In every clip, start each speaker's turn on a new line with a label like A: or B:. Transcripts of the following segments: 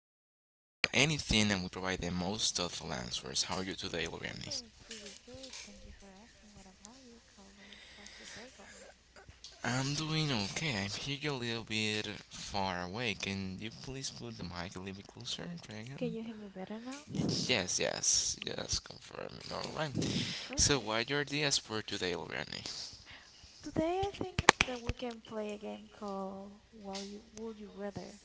A: anything and we provide the most thoughtful answers. How are you today, Loriani?
B: I'm doing pretty good. Thank you for asking. What about you, Calvin? How's your day going?
A: I'm doing okay. I'm here a little bit far away. Can you please put the mic a little bit closer,
B: Can
A: Dragon?
B: you hear me better now?
A: Yes, yes, yes, confirm.
B: Okay,
A: Alright. So,
B: perfect.
A: what are your ideas for today, Loriani?
B: Today I think that we can play a game called Well You Would You Rather?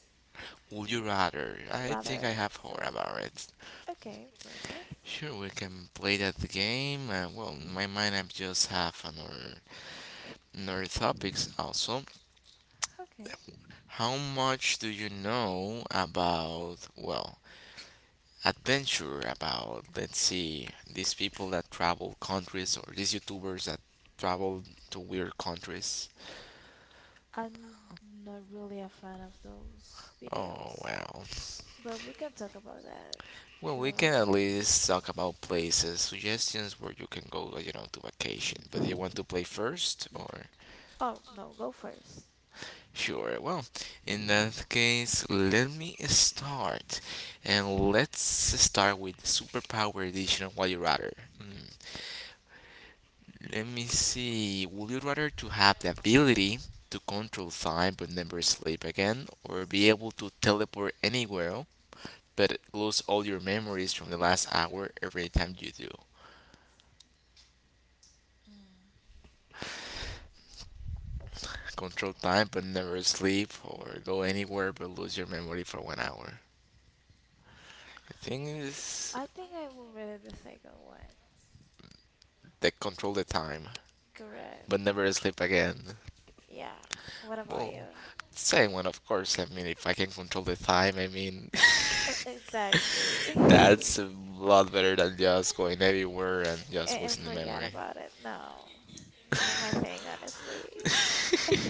A: Would you rather? I think I
B: Rather,
A: have heard
B: sorry.
A: about it.
B: Okay, perfect.
A: Sure, we can play that game. Well, in my mind, I just have another, another topics also.
B: Okay.
A: How much do you know about, well, adventure? About, let's see, these people that travel countries or these YouTubers that travel to weird countries?
B: I'm not really a fan of those
A: Oh,
B: videos,
A: well.
B: but we can talk about that if
A: Well,
B: you
A: we
B: would
A: can
B: like
A: at
B: to.
A: least talk about places, suggestions where you can go, you know, to vacation. But do you want to play first? Or.
B: Oh, no, go first.
A: Sure, well, in that case, let me start. And let's start with Superpower Edition of What You Rather. Hmm. Let me see. Would you rather to have the ability to control time but never sleep again, or be able to teleport anywhere but lose all your memories from the last hour every time you do?
B: Mm.
A: Control time but never sleep, or go anywhere but lose your memory for 1 hour. The thing is,
B: I think I will read the second one.
A: they control the time
B: Correct.
A: but never sleep again.
B: Yeah. What about
A: Well,
B: you?
A: same one, of course. I mean, if I can control the time, I mean,
B: Oh, exactly.
A: that's a lot better than just going everywhere and just
B: And
A: losing the
B: forget
A: memory.
B: about it. No. Not my thing, honestly.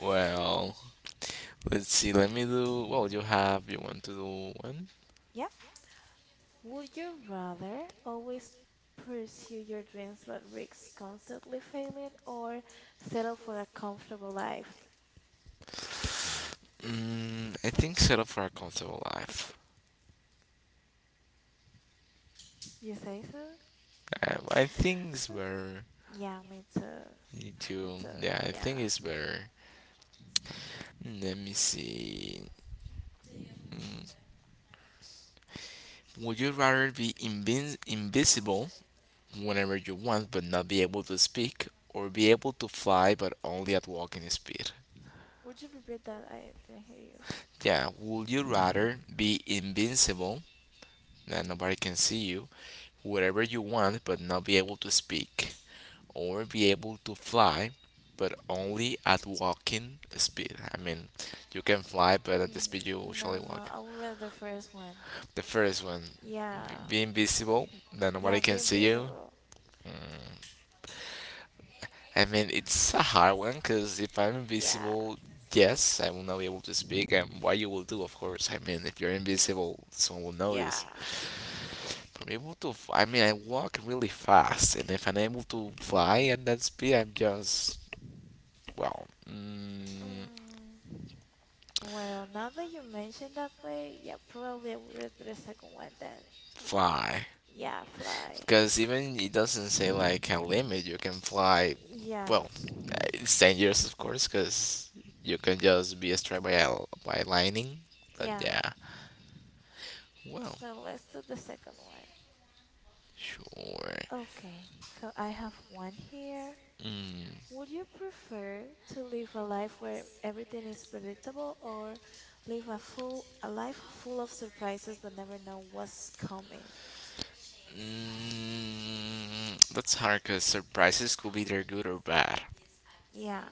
A: Well, let's see. Let me do. Well, you have. You want to do one?
B: Yep. Would you rather always pursue your dreams but risk constantly failing or settle for a comfortable life?
A: I think settle for a comfortable life.
B: You say so?
A: I think it's better
B: Yeah, me too. Me
A: to.
B: too.
A: Yeah, I
B: Yeah.
A: think it's better. Let me see. Mm, Would you rather be invin invisible whenever you want but not be able to speak, or be able to fly but only at walking speed?
B: Would you repeat that? I didn't hear you.
A: Yeah, would you rather be invincible, that nobody can see you, whatever you want, but not be able to speak, or be able to fly, but only at walking speed? I mean, you can fly, but at the speed you usually
B: No, no,
A: walk.
B: I will read the first one.
A: The first one,
B: Yeah.
A: be invisible, that nobody
B: Yeah,
A: can
B: being
A: see you.
B: visible.
A: Mm, I mean, it's a hard one, because if I'm
B: Yeah,
A: invisible, yes, I will not be able to speak, and what you will do, of course. I mean, if you're invisible, someone will
B: yeah.
A: notice. I'm able to. I mean, I walk really fast, and if I'm able to fly at that speed, I'm just well,
B: Mm. Well, now that you mention that way, yeah, probably I would read the second one then.
A: fly.
B: Yeah, fly.
A: Because even it doesn't say like a limit. You can fly.
B: Yeah,
A: Well, it's dangerous, of course, because you can just be struck by by lightning. But
B: yeah.
A: yeah, well,
B: So let's do the second one.
A: sure.
B: Okay, so I have one here.
A: Mm,
B: Would you prefer to live a life where everything is predictable or live a life full of surprises but never know what's coming?
A: that's hard because surprises could be either good or bad.
B: Yeah,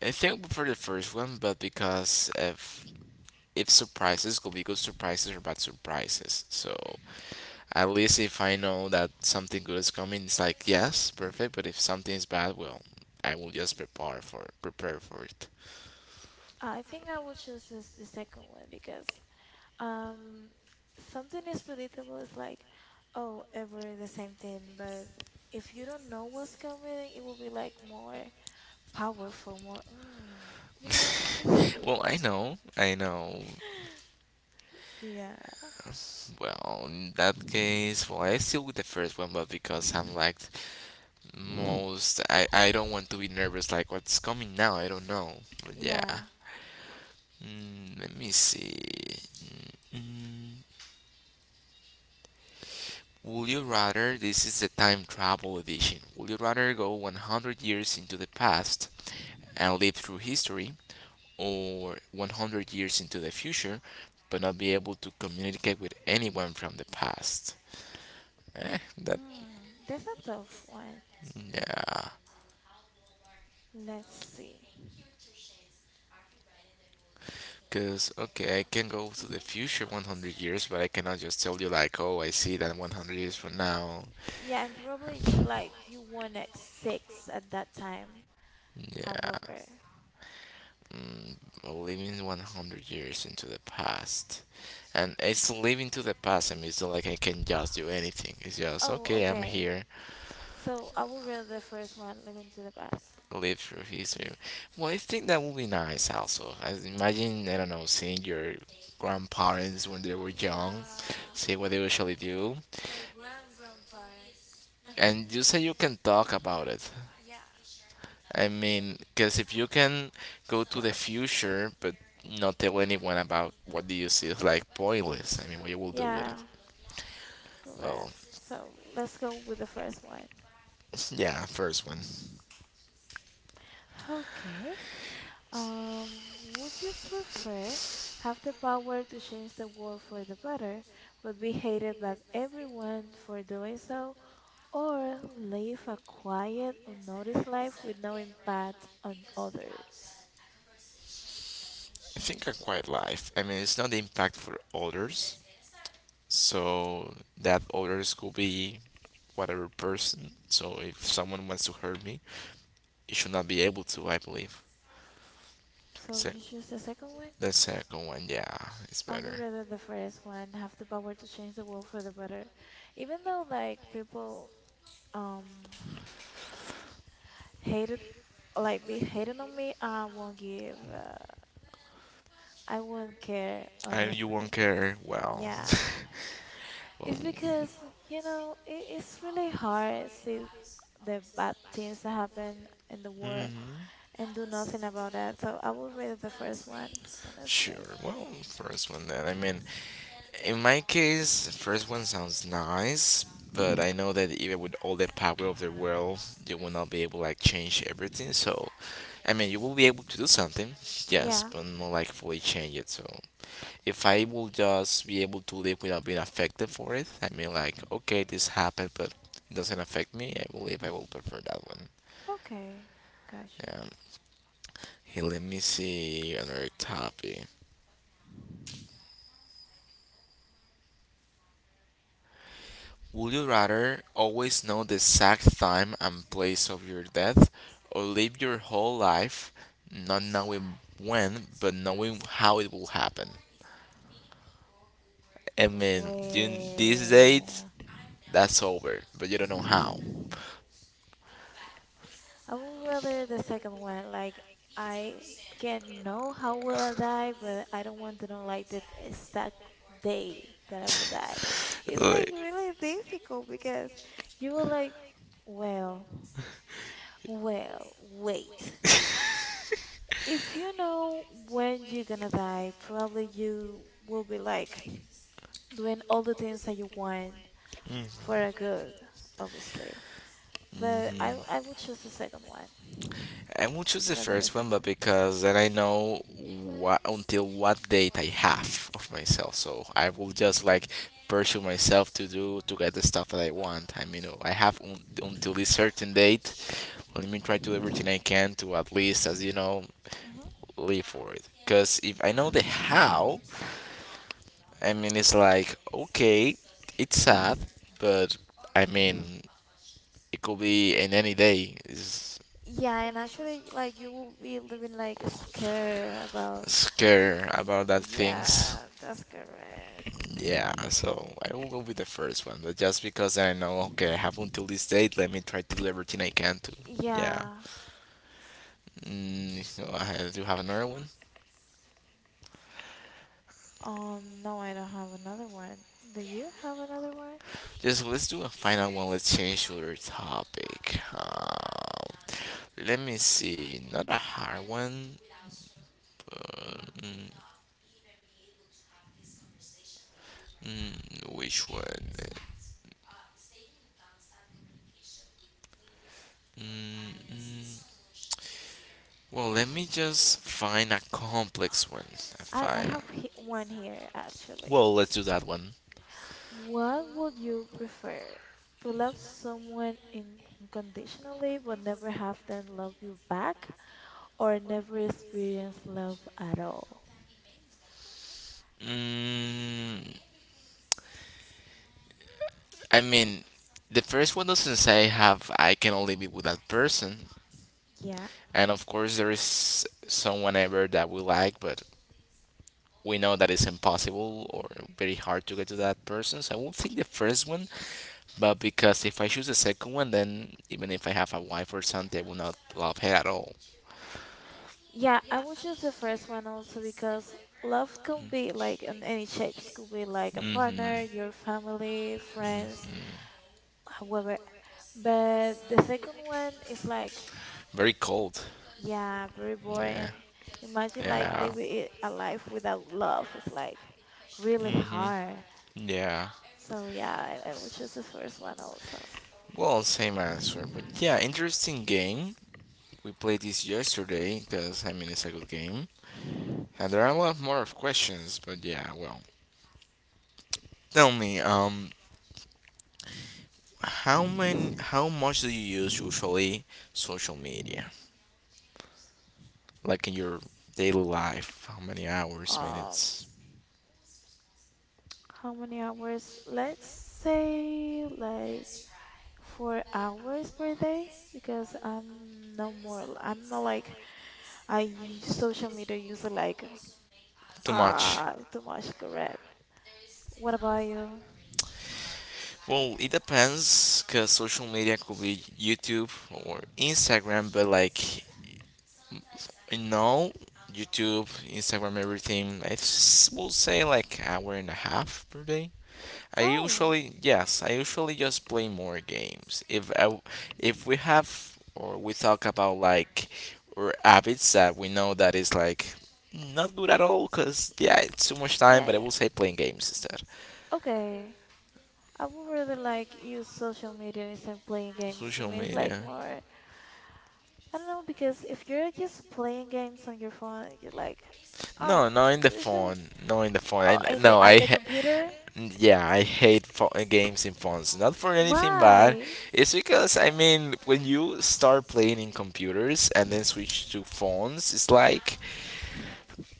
A: I think I prefer the first one, but because if surprises could be good surprises or bad surprises. So at least if I know that something good is coming, it's like yes, perfect. But if something is bad, well, I will just prepare for it.
B: I think I would choose this the second one because Um, something is predictable is like, oh, ever the same thing, but if you don't know what's coming, it will be like more powerful, more, you know?
A: Well, I know, I know.
B: Yeah,
A: Well, in that case, well, I still with the first one, but because I'm like most, I don't want to be nervous. Like what's coming now, I don't know. But yeah,
B: yeah.
A: let me see. Mm, mm. Would you rather? This is the time travel edition. Would you rather go 100 years into the past and live through history, or 100 years into the future but not be able to communicate with anyone from the past? Eh, that.
B: That's a tough one.
A: Yeah.
B: Let's see.
A: Because, okay, I can go to the
B: Hmm
A: future 100 years, but I cannot just tell you, like, oh, I see that 100 years from now.
B: Yeah, and probably like you won at six at that time.
A: Yeah.
B: However,
A: Mm, Living 100 years into the past and it's living to the past. I mean, it's not like I can just do anything. It's just
B: oh,
A: okay, I'm
B: okay.
A: here.
B: So I will read the first one, Living to the Past.
A: Live through history. Well, I think that would be nice also. I imagine, I don't know, seeing your grandparents when they were young,
B: Yeah,
A: see what they usually do,
B: or grandparents.
A: and you say you can talk about it.
B: Yeah.
A: I
B: Well,
A: mean, because if you can go to the future but not tell anyone about what do you see, it's like pointless. I mean, what you will do with it.
B: yeah,
A: Well,
B: correct. So let's go with the first one.
A: yeah, first one.
B: Okay. Um, would you prefer have the power to change the world for the better, but be hated by everyone for doing so, or live a quiet, unnoticed life with no impact on others?
A: I think a quiet life. I mean, it's not the impact for others. So that others could be whatever person. So if someone wants to hurt me, it should not be able to, I believe.
B: So
A: Se-
B: you choose the second one?
A: the second one, yeah, it's
B: I would
A: better.
B: rather the first one, have the power to change the world for the better. Even though like people um hated like be hating on me, I won't give. I won't care,
A: You won't
B: honestly.
A: care. Well,
B: Yeah,
A: well,
B: it's because you know it, it's really hard to see the bad things that happen in the world
A: hmm,
B: and do nothing about that. So I would rate it the first one, honestly.
A: sure. Well, first one then. I mean, in my case, the first one sounds nice, but I know that even with all the power of the world, you will not be able to like change everything. So, I mean, you will be able to do something, yes,
B: Yeah.
A: but not like fully change it. So, if I will just be able to live without being affected for it, I mean, like, okay, this happened, but it doesn't affect me. I believe I will
B: hmm
A: prefer that one.
B: Okay, gotcha.
A: Yeah. Hey, let me see another topic. Would you rather always know the exact time and place of your death, or live your whole life not knowing when, but knowing how it will happen? I mean, you,
B: Well.
A: this date, that's over, but you don't know how.
B: I would rather the second one. Like I can know how will I die, but I don't want to know like the exact day that I will die. It's like
A: Like,
B: really difficult because you will like, well, well, wait. If you know when you're gonna die, probably you will be like doing all the things that you want
A: mhm.
B: for a good, obviously. But I would choose the second one
A: I will choose the
B: rather than the
A: first one, but
B: second
A: because then I know what until what date I have of myself. So I will just like pursue myself to get the stuff that I want. I mean, I have until this certain date. Let me try to do everything I can to at least, as you know,
B: one.
A: live for it. Because if I know the how, I mean, it's like okay, it's sad, but I mean, it could be in any day. It's
B: Yeah, and actually, like you will be living like scared about.
A: scare about that things.
B: Yeah, that's correct.
A: Yeah, so I will go with the first one, but just because I know, okay, I have until this date, let me try to do everything I can to. Yeah.
B: Yeah.
A: So do have another one.
B: No, I don't have another one. Do you have another one?
A: Just let's do a final one. Let's change to other topic. Let me see. Not a hard one. But, which one? Mm. Well, let me just find a complex one. A
B: I
A: final.
B: have he one here actually.
A: Well, let's do that one.
B: What would you prefer? To love someone unconditionally but never have them love you back, or never experience love at all?
A: Mm, I mean, the first one doesn't say have I cannot live it with that person.
B: Yeah.
A: And of course, there is someone ever that we like, but we know that it's impossible or very hard to get to that person. So I won't take the first one, but because if I choose the second one, then even if I have a wife or something, I will not love her at all.
B: Yeah, I would choose the first one also because love can be like in any shapes, could be like a
A: Hmm.
B: partner, your family, friends, however. But the second one is like,
A: Very cold.
B: yeah, very
A: Yeah.
B: boring. Imagine like
A: Yeah.
B: living a life without love. It's like really
A: Hmm.
B: hard.
A: Yeah.
B: So yeah, I would choose the first one also.
A: Well, same answer, but yeah, interesting game. We played this yesterday because I mean it's a good game, and there are a lot more of questions. But yeah, well, tell me, how many, how much do you use usually social media, like in your daily life? How many hours,
B: Um,
A: minutes?
B: how many hours? Let's say like. 4 hours per day? Because I'm no more, I'm not like I use social media user like
A: Too much.
B: too much correct. What about you?
A: Well, it depends, cause social media could be YouTube or Instagram, but like, you know, YouTube, Instagram, everything. Will say like hour and a half per day.
B: Oh,
A: I usually just play more games. If we have or we talk about like our habits that we know that is like not good at all because yeah, it's too much time.
B: yeah,
A: But I
B: yeah.
A: will say playing games instead.
B: Okay. I would rather like use social media instead of playing games. For
A: Social
B: me, it's like
A: media.
B: more, I don't know, because if you're just playing games on your phone, you're like,
A: No,
B: oh,
A: no in the
B: this show,
A: phone. No in the phone. I
B: oh, in
A: no
B: the at
A: I
B: the
A: ha-
B: computer.
A: Yeah, I hate games in phones. Not for anything bad.
B: Why?
A: It's because I mean, when you start playing in computers and then switch to phones, it's like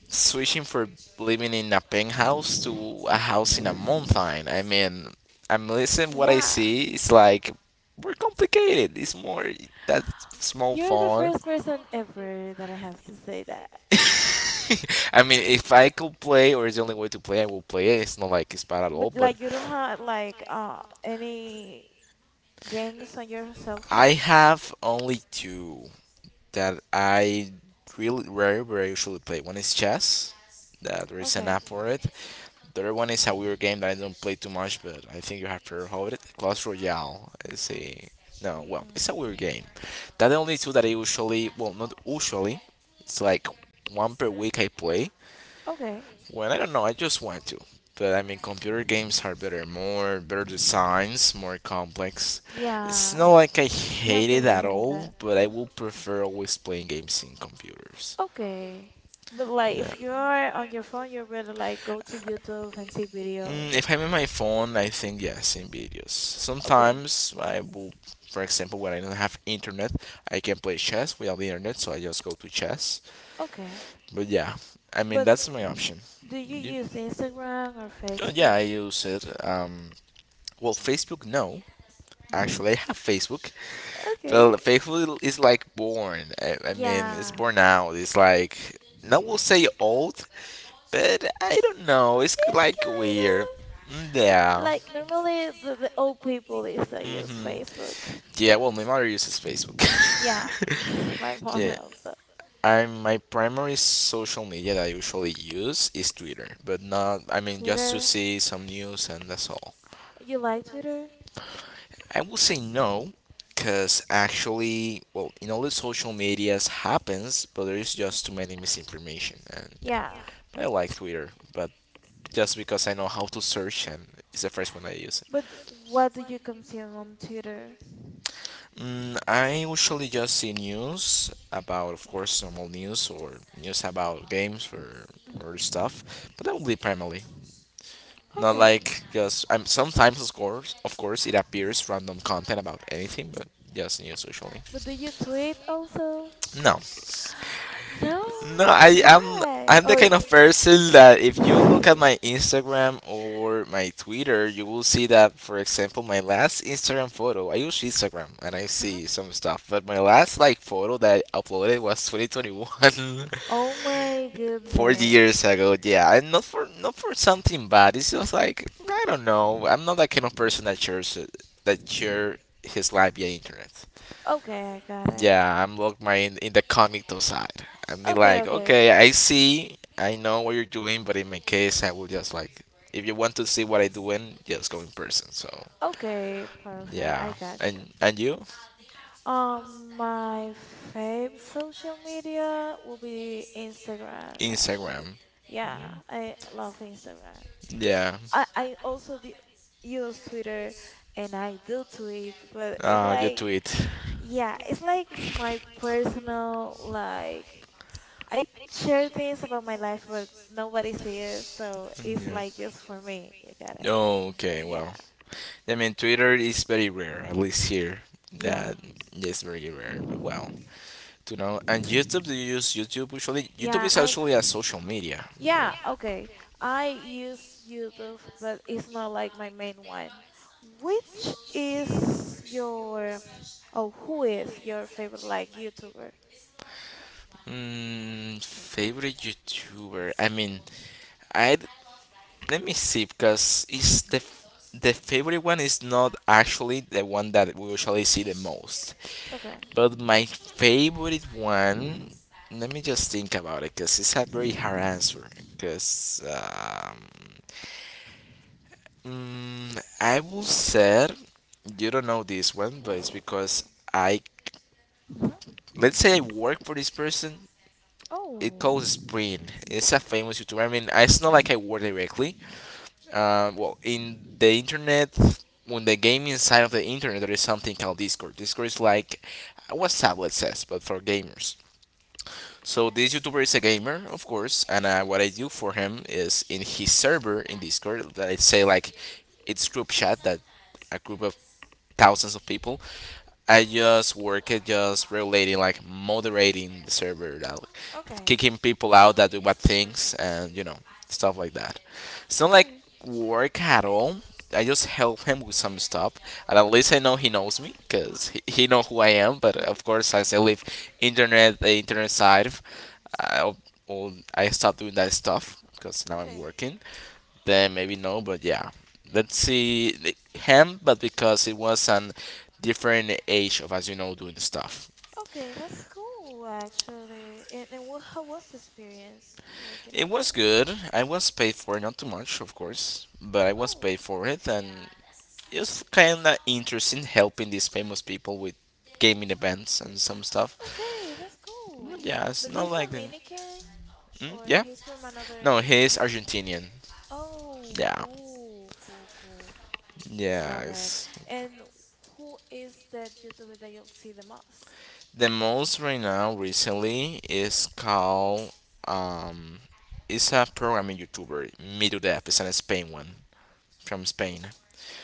A: switching from living in a penthouse to a
B: Mhm.
A: house in a mountain. I mean, I'm listening what I
B: Yeah.
A: see. It's like we're complicated. It's more that small
B: You're the
A: phone.
B: first person ever that I have to say that.
A: I mean, if I could play, or it's the only way to play, I will play it. It's not like it's bad at all,
B: But
A: but
B: like you don't have like any games on your cell phone?
A: I have only two that I really very very usually play. One is chess. That there is an
B: Okay.
A: app for it. The other one is a weird game that I don't play too much, but I think you have to heard of it. Clash Royale is a no, well, it's a
B: Mm-mm.
A: weird game. That the only two that I usually well not usually. It's like one per week I play.
B: Okay.
A: Well, I don't know. I just want to. But I mean, computer games are better, more better designs, more complex. It's not
B: Yeah.
A: like I
B: You have
A: hate
B: to
A: it at
B: reason on
A: all,
B: that.
A: but I
B: Mhm.
A: will prefer always playing games in computers.
B: Okay. But like
A: Yeah.
B: if you're on your phone, you better like go to YouTube and see videos.
A: If I'm in my phone, I think yes, in videos.
B: Okay.
A: Sometimes I will, for example, when I don't have internet, I can play chess without the internet, so I just go to chess.
B: Okay.
A: But yeah, I mean,
B: But
A: that's my option.
B: do you
A: You-
B: use Instagram or
A: oh, Yeah,
B: Facebook?
A: I use it. Well, Facebook, no. Actually, I have Facebook.
B: Okay.
A: Faithful is like born. I mean, it's
B: Yeah.
A: born out. It's like no, we'll say old, but I don't know. It's
B: It's
A: like weird.
B: kind of.
A: Yeah.
B: Like normally the old people they still use
A: hmm
B: Facebook.
A: Yeah. Well, my mother uses Facebook.
B: Yeah, my mom
A: yeah.
B: also.
A: I'm my primary social media that I usually use is Twitter, but not. I mean, just to
B: Twitter.
A: see some news and that's all.
B: You like Twitter?
A: I will say no, because actually, well, in all the social medias happens, but there is just too many misinformation, and
B: Yeah.
A: I like Twitter, but just because I know how to search and it's the first one I use.
B: But what do you consume on Twitter?
A: I usually just see news about, of course, normal news or news about games or
B: Hmm
A: stuff, but that would be primarily. Not
B: Okay.
A: like just I'm sometimes of course it appears random content about anything, but just news usually.
B: But do you tweet also?
A: No,
B: No.
A: no,
B: Why?
A: I'm the
B: Or
A: kind of person that if you look at my Instagram or my Twitter, you will see that, for example, my last Instagram photo — I use Instagram and I
B: Uh-huh.
A: see some stuff, but my last like photo that I uploaded was 2021,
B: Oh my
A: 4
B: goodness.
A: years ago. Yeah, and not for something bad. It's just like I don't know. I'm not that kind of person that share his life via internet.
B: Okay, I got it.
A: Yeah, I'm locked my in the comical side. I mean,
B: Okay,
A: like,
B: okay.
A: okay, I see, I know what you're doing, but in my case, I will just like, if you want to see what I doing, just go in person. So
B: Okay, perfect. I
A: yeah,
B: got you.
A: and you?
B: My favorite social media will be Instagram, actually.
A: Instagram,
B: Yeah, I love Instagram.
A: yeah.
B: I also d use Twitter and I do tweet, but it's
A: You
B: like,
A: tweet,
B: yeah, it's like my personal, like, I share things about my life, but nobody sees it, so it's
A: yeah.
B: like just for me, you got it?
A: Oh, okay,
B: Yeah,
A: well, I mean, Twitter is very rare, at least here.
B: yeah,
A: That is very rare, but well, you know. And YouTube, do you use YouTube? Usually YouTube
B: yeah,
A: is
B: I
A: actually a social media.
B: Yeah, okay. I use YouTube, but it's not like my main one. Which is your, oh, Who is your favorite like YouTuber?
A: Favorite YouTuber, I mean, I let me see, because it's the favorite one is not actually the one that we usually see the most,
B: Okay.
A: but my favorite one, let me just think about it because it's a very hard answer. because um, I will say you don't know this one, but it's because I
B: Mhm.
A: let's say I work for this person. It
B: Oh,
A: calls Sprint. It's a famous YouTuber. I mean, it's not like I work directly. Well, in the internet, on the gaming side of the internet, there is something called Discord. Discord is like WhatsApp, let's say, but for gamers. So this YouTuber is a gamer, of course, and what I do for him is in his server in Discord. That I say, like, it's group chat, that a group of thousands of people, I just work at just regulating, like moderating the server, like
B: okay.
A: kicking people out that do bad things, and you know, stuff like that. It's not like
B: Okay.
A: work at all. I just help him with some stuff, and at least I know he knows me because he know who I am. But of course, as I live internet side, I I stop doing that stuff because now I'm
B: Okay.
A: working. Then maybe no, but yeah, him, but because it was an different age of us, you know, doing stuff.
B: Okay, that's cool actually. And how was the experience working
A: It
B: out
A: was
B: there?
A: good. I was paid for it, not too much, of course, but I was
B: Oh,
A: paid for it, and it was kind of interesting helping these famous people with gaming events and some stuff.
B: okay, that's cool.
A: Yeah, it's
B: But
A: not
B: he's
A: like the.
B: Dominican
A: Hmm?
B: or
A: Yeah?
B: he's from
A: No,
B: another.
A: he's Argentinian.
B: Oh,
A: Yeah.
B: cool, cool, cool. Love it.
A: Yes.
B: And who is that YouTuber that you see the most?
A: The most right now recently is called um it's a programming YouTuber, Mido Def. It's an Spain one, from Spain.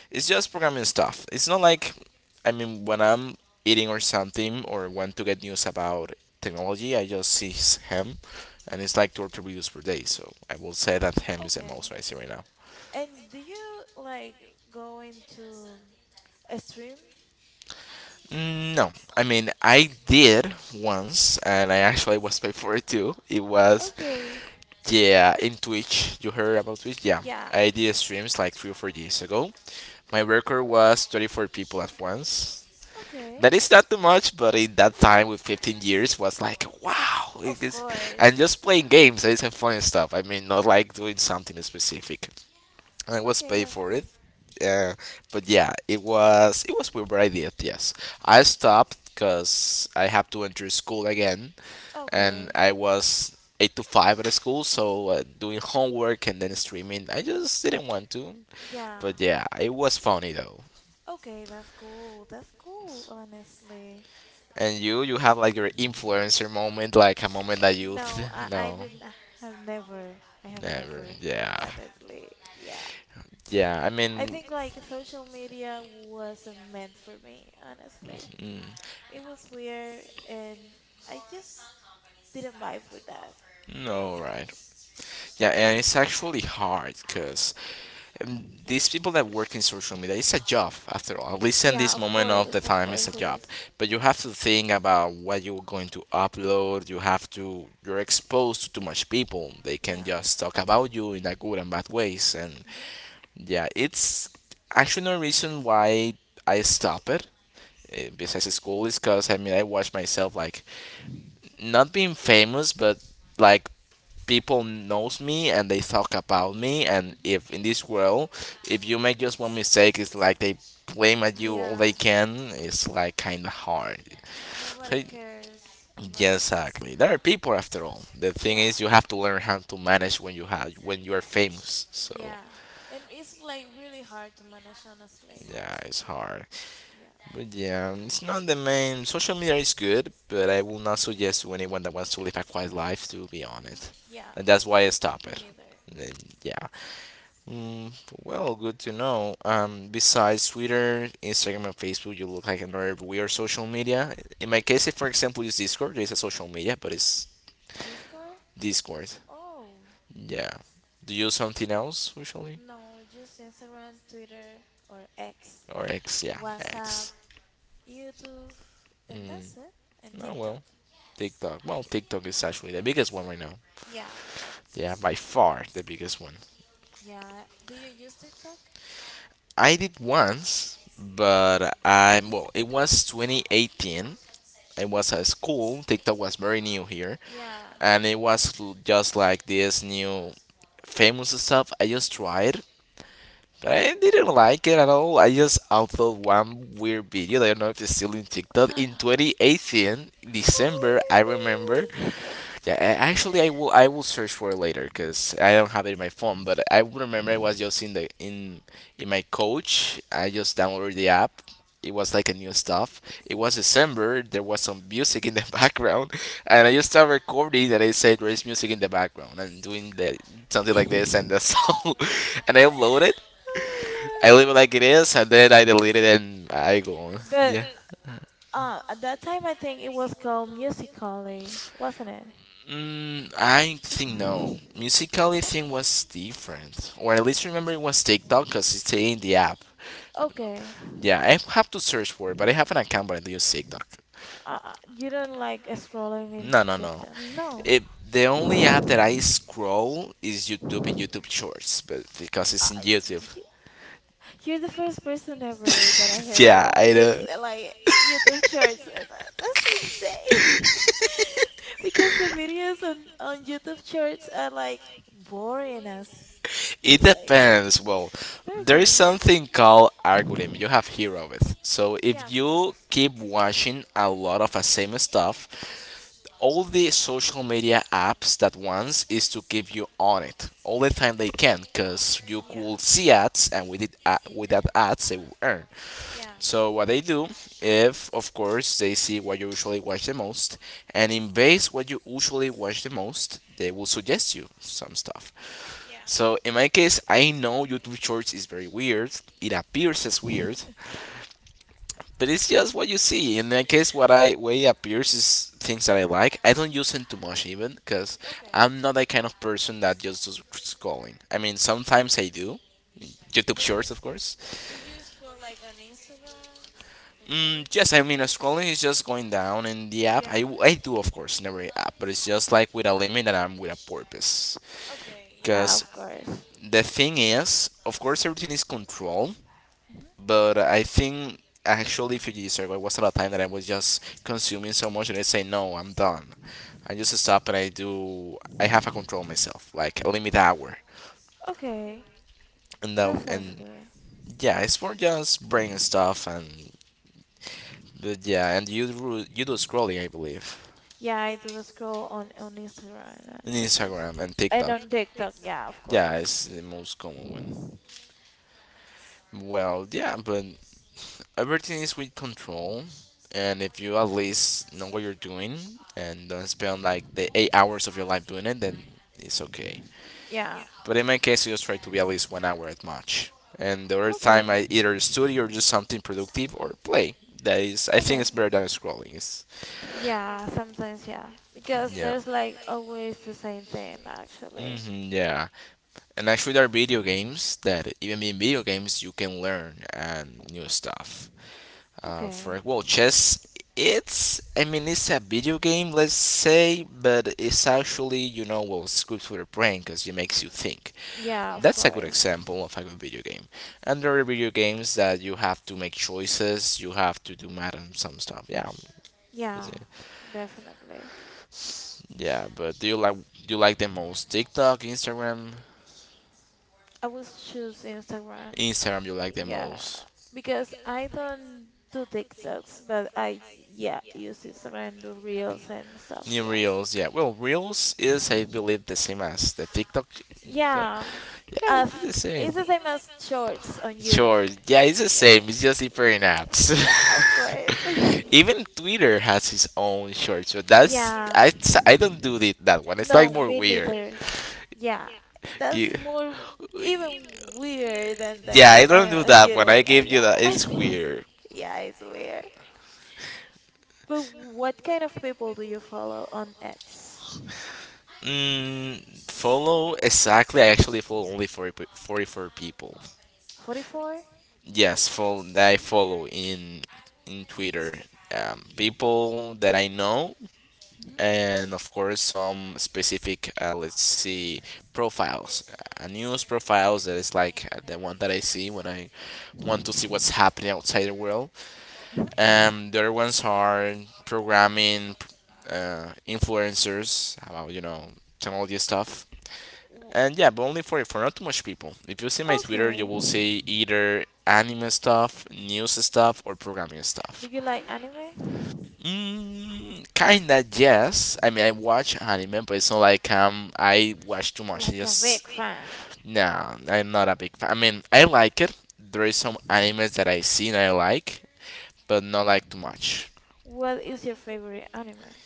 A: It's
B: Mm,
A: just programming stuff. It's not like, I mean, when I'm eating or something or want to get news about technology, I just see him, and it's like two or three videos per day, so I will say that him is the
B: okay.
A: most I see right now.
B: And do you like go into a stream?
A: No, I mean, I did once and I actually was paid for it too. It was,
B: Okay.
A: yeah, in Twitch. You heard about Twitch? Yeah.
B: Yeah.
A: I did streams like 3 or 4 days ago. My record was 34 people at once.
B: Okay.
A: That is not too much, but in that time with 15 years was like, wow. It
B: Of
A: is... And
B: course.
A: just playing games, that is some fun stuff. I mean, not like doing something specific. And I was
B: Okay,
A: paid
B: that's
A: for it.
B: cool.
A: Uh, but yeah, it was weird, but I did. Yes, I stopped because I have to enter school again and
B: Okay.
A: I was eight to five at school, so doing homework and then streaming, I just didn't want to,
B: Yeah.
A: but yeah, it was funny though.
B: Okay, that's cool. That's cool, honestly.
A: And you have like your influencer moment, like a moment that you,
B: No, I, I
A: no,
B: didn't I have never. I have
A: never,
B: never,
A: yeah,
B: honestly. Yeah.
A: yeah. I
B: I
A: mean,
B: think like social media wasn't meant for me, honestly.
A: mm,
B: It was weird and I just didn't vibe with that,
A: no, right?
B: basically.
A: Yeah, and it's actually hard, cause these people that work in social media, it's a job after all. At least in
B: Yeah,
A: this moment of the
B: of
A: time, it's
B: course
A: a
B: it
A: job.
B: is.
A: But you
B: Mm-hmm.
A: have to think about what you're going to upload. You have to. You're exposed to too much people. They can
B: Yeah.
A: just talk about you in a good and bad ways. And
B: Mm-hmm.
A: yeah, it's actually no reason why I stop it. Besides school, is because I mean I watch myself like not being famous, but like people knows me and they talk about me. And
B: Mm-hmm.
A: if in this world, if you make just one mistake, it's like they blame at you all they
B: Yeah.
A: can. It's like kind of hard. So,
B: Nobody cares about.
A: yes, exactly. There are
B: Mhm.
A: people after all. The thing
B: Yeah,
A: is, you have to learn how to manage when you have when you are famous. So
B: yeah. And it's like really hard to manage, honestly.
A: yeah, it's hard.
B: Yeah.
A: But yeah, it's not the main. Social media is good, but I will not suggest to anyone that wants to live a quiet life to be on it,
B: hmm Yeah,
A: and that's why I stop
B: we
A: it.
B: neither.
A: And then,
B: Hmm
A: yeah. Mm, well, good to know. Besides Twitter, Instagram, and Facebook, you look like another weird social media. In my case, if for example use Discord, it's a social media, but it's
B: Discord?
A: Discord.
B: Oh,
A: Yeah. Do you use something else usually?
B: no, just Instagram, Twitter, or X,
A: Or X? Yeah,
B: WhatsApp,
A: X.
B: YouTube, and
A: Mm.
B: that's it. And
A: Oh
B: TikTok.
A: well, TikTok. Well, TikTok is actually the biggest one right now.
B: Yeah,
A: Yeah, by far the biggest one.
B: yeah. Do you use TikTok?
A: I did once, but I well, it was 2018. It was at school. TikTok was very new here,
B: Yeah.
A: and just like this new famous stuff. I just tried. But I didn't like it at all. I just uploaded one weird video. I don't know if it's still in TikTok. In 2018, December, I remember,
B: Oh my
A: yeah, actually, I will search for it later because I don't have it in my phone. But I would remember I was just in the in my coach. I just downloaded the app. It was like a new stuff. It was
B: goodness.
A: December. There was some music in the background, and I just started recording. And I said, "There is music in the background," and doing the something
B: Hmm
A: like this and that's all. And I upload it. I leave
B: Oh
A: it like it is, and then I delete it and I go
B: my
A: on.
B: God. But
A: Yeah.
B: at that time, I think it was called Musical.ly, wasn't it?
A: I think no. Musically thing was different, or at least remember it was TikTok because it's in the app.
B: Okay.
A: Yeah, I have to search for it, but I have an account, but I use TikTok.
B: You don't like scrolling
A: No,
B: into
A: no, no.
B: TikTok? No.
A: It, the only app that I scroll is YouTube and YouTube Shorts, but because it's in
B: I,
A: YouTube.
B: do you, you're the first person ever that I heard
A: yeah,
B: this
A: I
B: use
A: know.
B: like YouTube Shorts. That's insane. Because the videos on YouTube Shorts are like boring as
A: It
B: like
A: depends. Well, there is
B: okay.
A: something called algorithm. You have heard of it. So
B: Yeah,
A: if
B: of
A: you
B: course.
A: keep watching a lot of the same stuff, all the social media apps that wants is to keep you on it all the time they can, because you
B: Yeah.
A: could see ads, and with it, with that ads they will earn.
B: Yeah.
A: So what they do, if of course they see what you usually watch the most, and in base what you usually watch the most, they will suggest you some stuff.
B: hmm Yeah.
A: So in my case, I know YouTube Shorts is very weird. It appears as weird, but it's just what you see. In my case, what I way appears is things that I like. I don't use it too much even because
B: Okay.
A: I'm not that kind of person that just does scrolling. I mean, sometimes I do. YouTube
B: But
A: Shorts,
B: do
A: of course.
B: do you scroll like on Instagram or Facebook?
A: Yes, I mean,
B: Face?
A: scrolling is just going down in the app.
B: Yeah.
A: I do, of course, in every app, but it's just like with a limit and I'm with a purpose.
B: Okay. Yeah,
A: Because
B: of course.
A: the thing is, of course, everything is controlled.
B: Hmm
A: But I think actually Fuji Survey was at a time that I was just consuming so much that I say no, I'm done. I just stop and I do. I have a control myself, like a limit hour,
B: Okay.
A: and
B: That
A: then
B: sounds
A: and
B: good.
A: yeah, it's for just brain stuff. And but yeah, and you do scrolling, I believe,
B: Yeah, I do scroll on Instagram
A: in
B: actually.
A: Instagram and
B: And
A: TikTok.
B: on TikTok, yeah, of
A: Yeah,
B: course.
A: it's the most common one. Well, yeah, but everything is with control, and if you at least know what you're doing and don't spend like the 8 hours of your life doing it, then it's okay.
B: Yeah.
A: But in my case, I just try to be at least 1 hour at much, and the other time
B: Okay.
A: I either study or do something productive or play. That is, I think
B: Okay.
A: it's better than scrolling. It's,
B: Yeah, sometimes yeah. Because
A: yeah.
B: there's like always the same thing actually.
A: hmm yeah, and actually there are video games that even in video games you can learn and new stuff.
B: Okay.
A: For well, chess. It's, I mean, it's a video game, let's say, but it's actually, you know, well, it's good for the brain because it makes you think.
B: Yeah, of
A: That's a good
B: course.
A: example of a good video game. And there are video games that you have to make choices, you have to do math and some stuff. Yeah, that's
B: Yeah,
A: it.
B: definitely.
A: Yeah. But do you like, do you like the most, TikTok, Instagram?
B: I would choose Instagram.
A: Instagram you like the
B: Yeah,
A: most.
B: because I don't do TikToks, but I yeah use Instagram do reels and stuff.
A: New
B: Yeah,
A: Reels, yeah. Well, Reels is, I believe, the same as the TikTok.
B: yeah.
A: Yeah,
B: As
A: it's the same.
B: it's the same as shorts on YouTube.
A: Sure. Yeah, it's the
B: Yeah,
A: same. It's just different apps.
B: yeah, of course.
A: Even Twitter has its own shorts, but
B: Yeah.
A: I don't do it that one. It's like
B: No,
A: more
B: me
A: weird.
B: neither. Yeah,
A: You,
B: that's more even weird than
A: yeah,
B: the
A: I
B: one
A: don't do
B: on
A: that one.
B: YouTube.
A: I gave you
B: Yeah,
A: that. It's weird.
B: yeah, it's weird. But what kind of people do you follow on X?
A: Mm, Follow exactly. I actually follow only 44 people.
B: 44?
A: Yes, follow that I follow in Twitter. People that I know,
B: Hmm
A: and of course some specific let's see, profiles, news profiles. That is like, the one that I see when I want to see what's happening outside the world.
B: hmm
A: And the other ones are programming, influencers about, you know, technology stuff. And yeah, but only for not too much people. If you see my Twitter, you
B: Okay.
A: will see either anime stuff, news stuff, or programming
B: Do
A: stuff.
B: you like anime?
A: Kinda, yes. I mean, I watch anime, but it's not like, I watch too much. I
B: Like a
A: just,
B: big fan.
A: no, I'm not a big fan. I mean, I like it. There is some animes that I see and I like, but not like too much.
B: What is your favorite anime?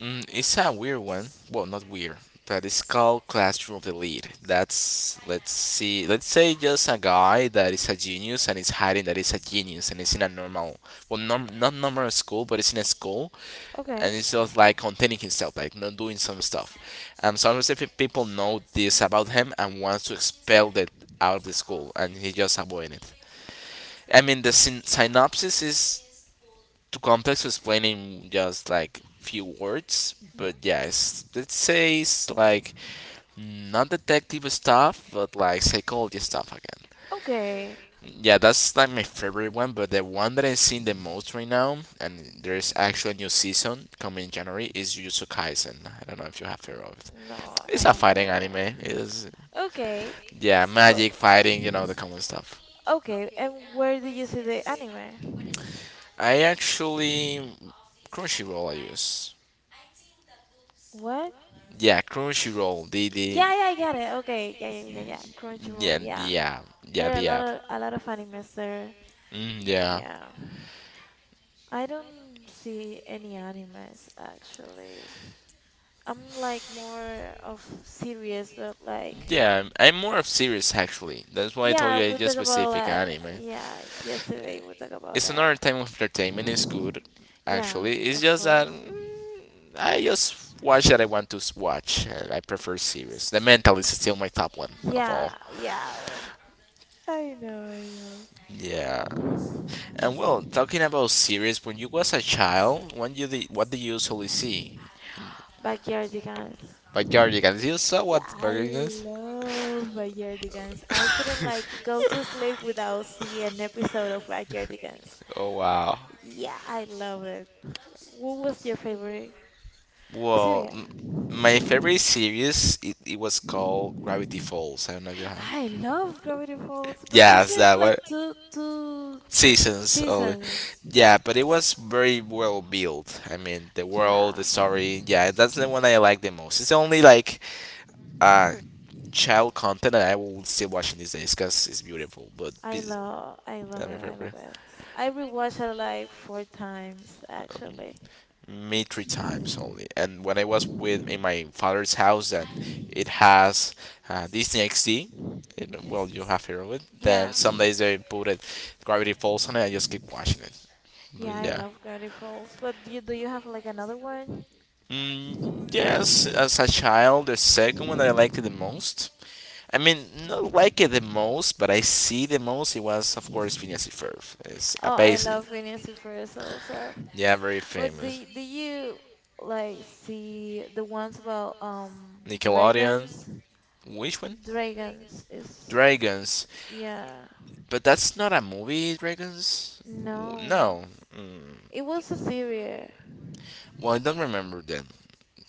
A: It's a weird one. Well, not weird, but it's called Classroom of the Lead. That's, let's see, let's say, just a guy that is a genius and is hiding that is a genius and is in a normal, well, norm, not normal school, but it's in a school, and
B: Okay.
A: it's just like containing himself, like not doing some stuff. And some specific people know this about him and wants to expel it out of the school, and he just avoid it. I mean, the synopsis is too complex to explain in just like few words, but
B: hmm
A: yeah, it's, it says like not detective stuff, but like psychology stuff again.
B: Okay.
A: Yeah, that's like my favorite one, but the one that I'm seeing the most right now, and there is actually a new season coming in January, is Jujutsu Kaisen. I don't know if you have heard of it.
B: No, I
A: It's a
B: have
A: fighting
B: heard that.
A: anime. It's,
B: Okay.
A: yeah,
B: But
A: magic fighting, you know, the common stuff.
B: okay, and where do you see the anime?
A: I actually Crunchyroll I use.
B: What?
A: Yeah, Crunchyroll. The
B: Yeah, yeah, I get it. Okay. Yeah, yeah, yeah, yeah.
A: yeah,
B: Crunchyroll, yeah.
A: the app. Yeah,
B: There are a
A: the
B: lot
A: app.
B: of a lot of animes there.
A: Yeah,
B: Yeah. I don't see any animes actually. I'm like more of serious, but like
A: yeah. I'm more
B: yeah.
A: of series actually. That's why I told
B: Yeah,
A: you I
B: we
A: just
B: talk about
A: specific
B: that.
A: anime.
B: Yeah, yesterday we talk about
A: It's
B: that.
A: another type of entertainment. It's good,
B: Yeah,
A: actually. It's
B: of
A: just that
B: course.
A: I just watch that I want to watch. And I prefer series. The Mentalist is still my top one of
B: Yeah,
A: all.
B: yeah. Well, I know, I know.
A: Yeah. And well, talking about series, when you was a child, when you did, what did you usually see?
B: Backyardigans.
A: But Guardians, you saw what
B: Yeah, I
A: Guardians?
B: love Backyardigans. I couldn't like go to sleep without seeing an episode of Backyardigans.
A: Oh, wow.
B: Yeah, I love it. What was your favorite
A: Well,
B: series?
A: my favorite series, it was called Gravity Falls. I don't know you have.
B: I love Gravity Falls, but it's
A: Yes,
B: just
A: that one.
B: like two
A: Seasons only.
B: seasons.
A: Yeah, but it was very well built. I mean, the world, the
B: Yeah,
A: story. Yeah, that's the one I like the most. It's only like uh child content that I will still watch in these days because it's beautiful.
B: I love I love
A: That's my
B: it. I
A: favorite.
B: love it. I rewatched it like four times
A: Um,
B: actually.
A: Me three times only. And when I was with in my father's house, and it has Disney XD. It, well, you have heard of it. Then
B: Yeah,
A: some days they put it, Gravity Falls on it. I just keep watching it. But
B: yeah, I
A: yeah.
B: love Gravity Falls. But do you have like another one?
A: Mm, yes, as a child, the second one that I liked the most. I mean, not like it the most, but I see the most. It was, of course, Phineas and Ferb. It's
B: Oh, I
A: amazing.
B: love Phineas and Ferb also.
A: Yeah, very
B: But
A: famous.
B: do you like see the ones about
A: Nickelodeon.
B: dragons?
A: Which one?
B: Dragons is
A: Dragons.
B: yeah.
A: But that's not a movie, Dragons?
B: No,
A: No. Mm.
B: it was a series.
A: Well, I don't remember then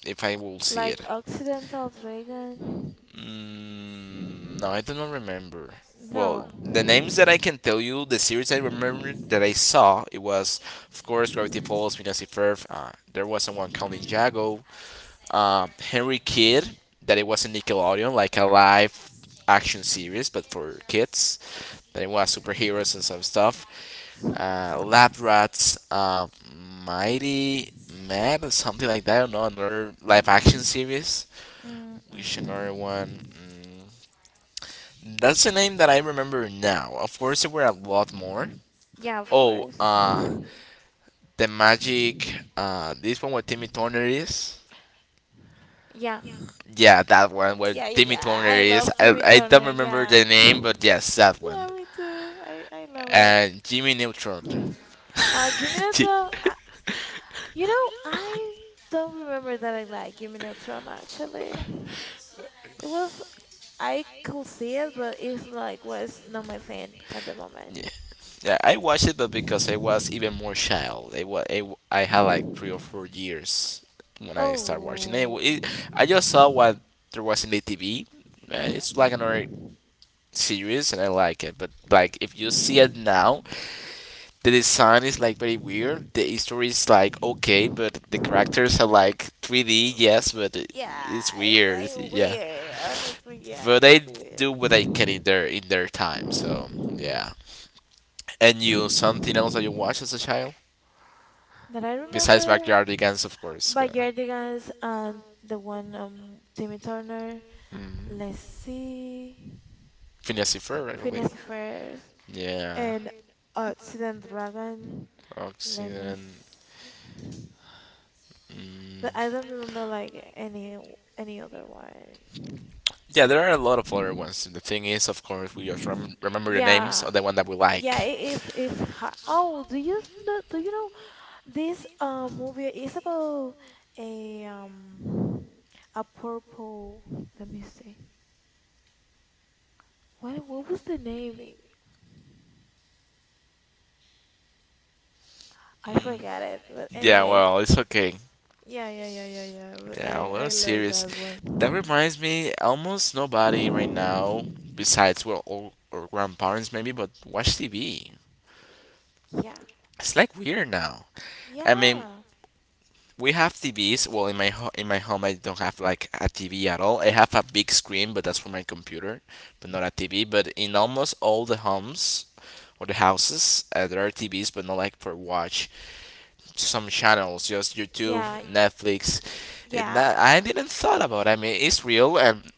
A: if I will see it.
B: Like Occidental Dragon?
A: Mm, no, I do not remember. Well,
B: No.
A: the names that I can tell you, the series I remember that I saw, it was, of course, Gravity Falls, Phineas and Ferb. There was someone called Ninjago. Henry Kidd, that it was in Nickelodeon, like a live action series, but for kids. That it was superheroes and some stuff.
B: Mhm.
A: Lab Rats, Mighty Mad, or something like that. I don't know, another live action series. Which
B: Mm-mm.
A: another one? That's a name that I remember now. Of course, there were a lot more.
B: Yeah, of
A: Oh,
B: course.
A: the Magic. This one where Timmy Turner is.
B: Yeah.
A: Yeah, that one where
B: Yeah, yeah,
A: Timmy
B: yeah.
A: Turner
B: I love
A: is.
B: Timmy
A: I don't
B: Turner.
A: remember
B: Yeah.
A: the name, but yes, that one.
B: Yeah, me too. I love it.
A: And Jimmy Neutron.
B: Jimmy
A: Ji-
B: Neutron, I don't remember that I like Jimmy Neutron actually. It was, I could see it, but it's like was not my thing at the
A: yeah,
B: moment.
A: yeah, I watched it, but because I was even more child, I, wa- I, w- I had like 3 or 4 years when I started watching.
B: Oh.
A: I just saw what there was in the TV. It's
B: Mhm.
A: like another series and I like it. But like if you see it now, the design is like very weird. The history is like okay, but the characters are like 3D, yes,
B: Yeah,
A: it's
B: it's like
A: weird. Yeah.
B: weird. Honestly, yeah,
A: But
B: it's
A: they
B: weird.
A: do what they can in their time. So, yeah. And you something else that you watched as a child
B: That I
A: besides
B: remember
A: Backyardigans, of course.
B: by
A: Yeah.
B: Yardigans and the one Timmy Turner.
A: Hmm.
B: Let's see,
A: Phineas and Ferb, I
B: Phineas
A: believe.
B: the First
A: Yeah.
B: and Occident Dragon. Let me
A: Oxygen.
B: see.
A: Mm.
B: But I don't remember like any other one.
A: Yeah, there are a lot of other ones. The thing is, of course, we just remember the names
B: Yeah,
A: of the one that we
B: yeah,
A: like.
B: it is it's hard. Oh, do you know, do you know this movie is about a um a purple. Let me see. What was the name? I
A: Mm,
B: forget it, but
A: yeah,
B: anyways,
A: well, it's okay.
B: yeah, yeah, yeah, yeah, yeah, but
A: Yeah,
B: I
A: well,
B: I
A: it's
B: love
A: serious.
B: that
A: That
B: one.
A: reminds me, almost nobody right now, besides well, all our grandparents maybe, but watch TV.
B: Yeah,
A: It's like weird now. I mean,
B: yeah.
A: we have TVs. Well, in my in my home, I don't have like a TV at all. I have a big screen, but that's for my computer, but not
B: Mhm.
A: a TV. But in almost all the homes or the houses, there are TVs, but not like for watch some channels, just YouTube,
B: yeah, y-
A: Netflix. And that I
B: yeah.
A: didn't thought about. I mean, it's real and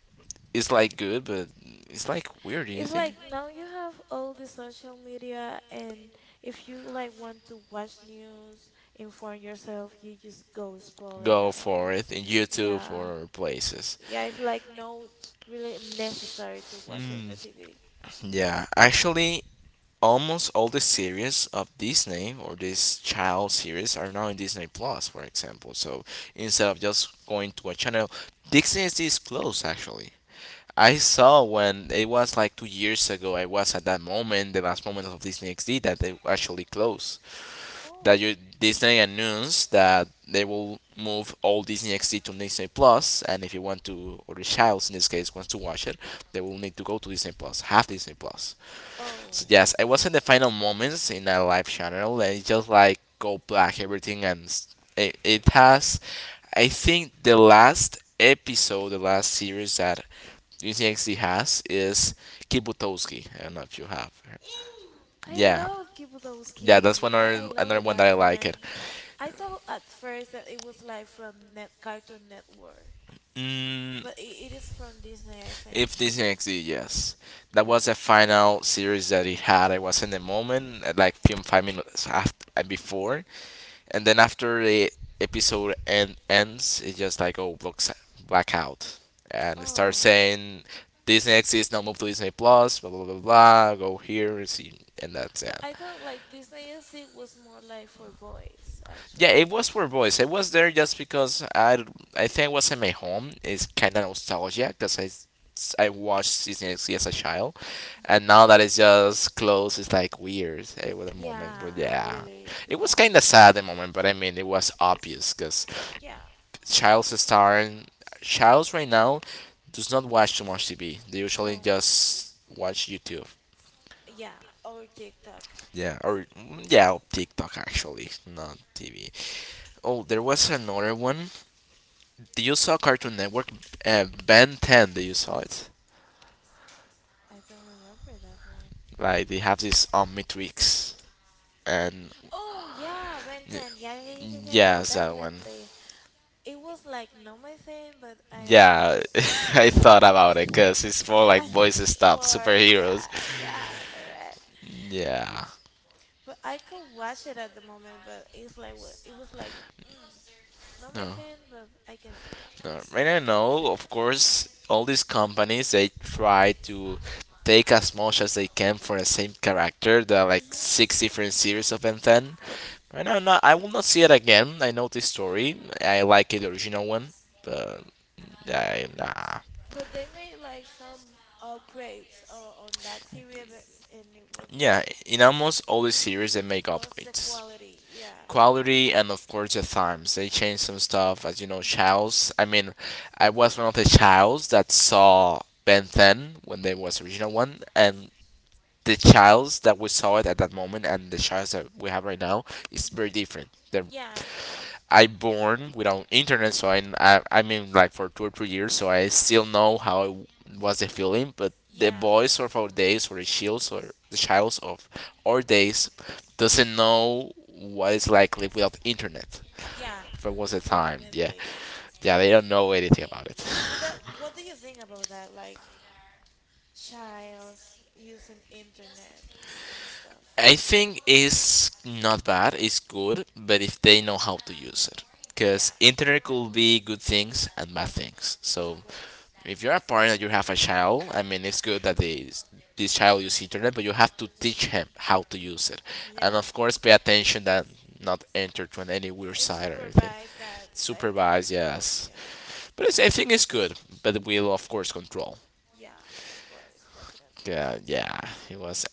A: it's like good, but it's like weird. Do you
B: It's
A: think?
B: like now you have all the social media, and if you like want to watch news, inform yourself, you just go scrolling.
A: Go for it in YouTube
B: Yeah,
A: or places.
B: yeah. It's like no really necessary to watch it on the
A: Mm,
B: TV.
A: yeah, actually, almost all the series of Disney or this child series are now in Disney Plus, for example. So instead of just going to a channel, Disney is this close actually. I saw when it was like 2 years ago. I was at that moment, the last moment of Disney XD, that they actually closed. That
B: Oh,
A: you, Disney announced that they will move all Disney XD to Disney Plus, and if you want to, or the child in this case wants to watch it, they will need to go to Disney Plus, have Disney Plus. So
B: oh.
A: yes, I was in the final moments in a live channel, and it just like go black everything, and it has, I think, the last episode, the last series that UTXT has is Kibutowski. I don't know if you have.
B: I
A: Yeah,
B: love
A: yeah, that's
B: Kibudowski.
A: one
B: I
A: or
B: love
A: another
B: it,
A: one
B: that
A: that I like
B: one.
A: it.
B: I thought at first that it was like from Net Cartoon Network,
A: Mm,
B: but it is from Disney, I think.
A: if this DCXT, yes, that
B: Yeah.
A: was the final series that he had. I was in the moment, at like few 5 minutes after and before, and
B: Mhm.
A: then after the episode end, ends, it just like oh blocks black out and start
B: Oh,
A: saying Disney XD is now moved to Disney Plus, blah blah blah blah. Go here and see, and that's
B: but
A: it.
B: I thought like Disney XD was more like for boys,
A: Yeah, it
B: actually.
A: was for voice. I was there just because I think I was in my home. It's kind of nostalgia because I watched season X as a child,
B: Hmm.
A: and now that it's just closed, it's like weird. It was a moment, but
B: Yeah,
A: yeah,
B: really.
A: it was
B: Yeah,
A: kind of
B: for,
A: sad at the moment. But I mean, it was obvious because
B: yeah.
A: child's starring childs right now does not watch too much TV. They usually
B: No,
A: just watch YouTube.
B: yeah, or TikTok.
A: Yeah, or yeah, or TikTok actually, not TV. Oh, there was another one. Do you saw Cartoon Network? Ben 10, did you saw it?
B: I don't remember that one.
A: Like, they have this Omnitrix. And
B: Oh, yeah, Ben 10. Yeah, yeah, yeah, yeah, yeah, yeah,
A: yeah, that one.
B: definitely. It was like not my thing, but I, I,
A: Yeah, I
B: I
A: thought about it because it's more
B: yeah,
A: like boys stuff,
B: more, yeah,
A: superheroes.
B: yeah, correct.
A: Yeah,
B: But I could watch it at the moment, but it's like it was like, not my
A: no,
B: thing, but I can see it.
A: no. And I know, of course, all these companies they try to take as much as they can for the same character. There are like
B: Hmm.
A: six different series of Ben 10. Right now, not, I will not see it again. I know this story. I like it, the original one, but yeah, nah.
B: But they made like some upgrades on that series, but and it was like
A: Yeah, in almost all the series they make
B: lost the
A: upgrades.
B: quality. Yeah.
A: Quality and of course the times. They change some stuff as you know,
B: Hmm.
A: Childs. I mean, I was one of the Childs that saw Ben 10 when there
B: Hmm.
A: was the original one, and the Childs that we saw it at that moment and the Childs that we have right now is
B: Hmm.
A: very different. The
B: Yeah.
A: I born without internet, so I mean like for 2 or 3 years, so I still know how it was the feeling. But the
B: Yeah.
A: boys of our days, or the shields, or the childs of our days, doesn't know what it's like live without internet.
B: Yeah.
A: That was the time, yeah,
B: Definitely.
A: yeah, they don't know anything about it.
B: But that, what do you think about that? Like childs using internet and stuff.
A: I think it's not bad. It's good, but if they know how to use it, because
B: Yeah,
A: internet could be good things and bad things.
B: of
A: So,
B: course,
A: if you're a parent and you have a child, I mean, it's good that they this child use internet, but you have to teach
B: definitely.
A: him how to
B: Mhm.
A: use it, and
B: Yeah,
A: of course, pay attention that not enter to any weird
B: and
A: site or anything.
B: supervise that. Like,
A: Supervise, yes,
B: yeah,
A: but it's, I think it's good, but we'll of course control.
B: yeah, of course, definitely,
A: Yeah, yeah, it was.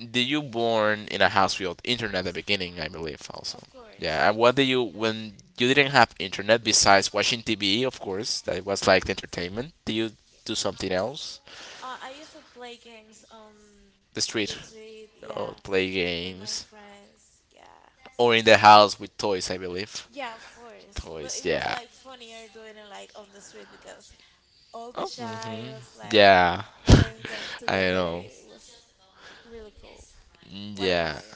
A: Did you born in a house without internet at the beginning? I believe also.
B: of course.
A: Yeah, and what did you when you didn't have internet besides watching TV? Of course, that was like the entertainment. Did you
B: Yeah.
A: do something else?
B: I used to play games
A: The
B: on the
A: street,
B: street. Yeah,
A: or play
B: with my
A: games,
B: friends. Yeah,
A: or in the house with toys? I believe
B: yeah, of course. But it
A: toys.
B: was
A: Yeah.
B: like funnier doing it like on the street because all the
A: Oh, hmm,
B: childs like
A: yeah.
B: playing games
A: I
B: together.
A: know.
B: It was really cool.
A: Mm,
B: What
A: yeah.
B: about you?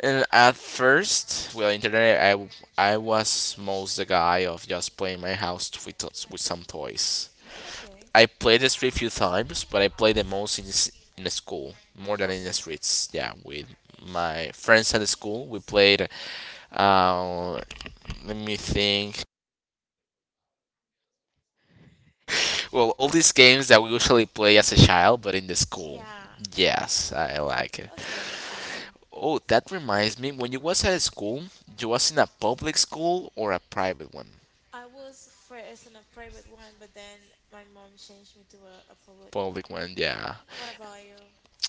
A: And at first, well, internet, I was most the guy of just playing my house with some toys.
B: Okay,
A: I played the street few times, but I played the most in, in the school, more than in the
B: okay.
A: streets. Yeah, with my friends at the school, we played, uh, let me think, well, all these games that we usually play as a child, but in the school.
B: Yeah,
A: Yes, I like it.
B: okay, okay.
A: Oh, that reminds me, when you was at school, you was in a public school or a private one?
B: I was first in a private one, but then my mom changed me to a public one.
A: Public one, yeah.
B: What about you?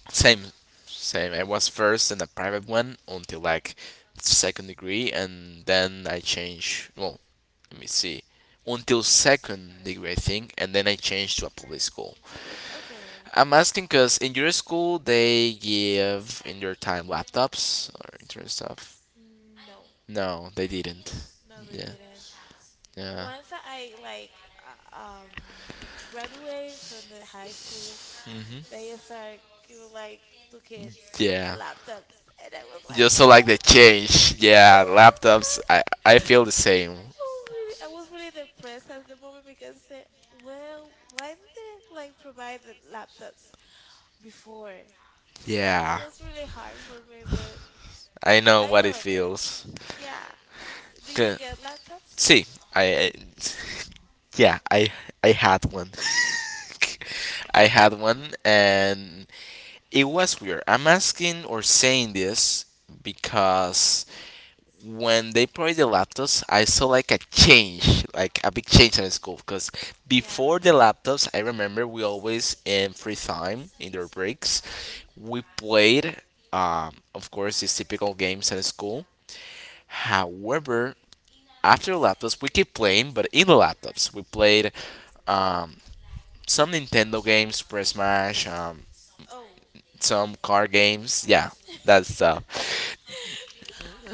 A: Same, same. I was first in a private one until like second degree, and then I changed. Well, let me see. Until second degree, I think, and then I changed to a public school.
B: Okay.
A: I'm asking because in your school they give in your time laptops or internet stuff.
B: No,
A: No, they didn't.
B: no, no, they
A: Yeah.
B: didn't.
A: Yeah.
B: Once I like uh, um graduate from the high school,
A: Hmm.
B: they start giving like two kids
A: Yeah.
B: laptops, and I was like,
A: Just so like
B: oh
A: the change. Yeah, laptops.
B: yeah,
A: I feel the same.
B: I really, I was really depressed at the moment because I said, well, why didn't they like provide the laptops before? It
A: Yeah.
B: was really hard for me, but
A: I know
B: I
A: what it
B: got over it.
A: feels.
B: Yeah. Do you
A: Good.
B: get laptops?
A: See, I yeah, I had one. I had one, and it was weird. I'm asking or saying this because when they played the laptops, I saw like a change, like a big change in the school. Because
B: Yeah.
A: before the laptops, I remember we always in free time in their breaks,
B: Mhm.
A: we played, of course, these typical games at school. However, after laptops, we keep playing, but in laptops, we played um, some Nintendo games, Super Smash,
B: Oh,
A: some car games. Yeah, that stuff.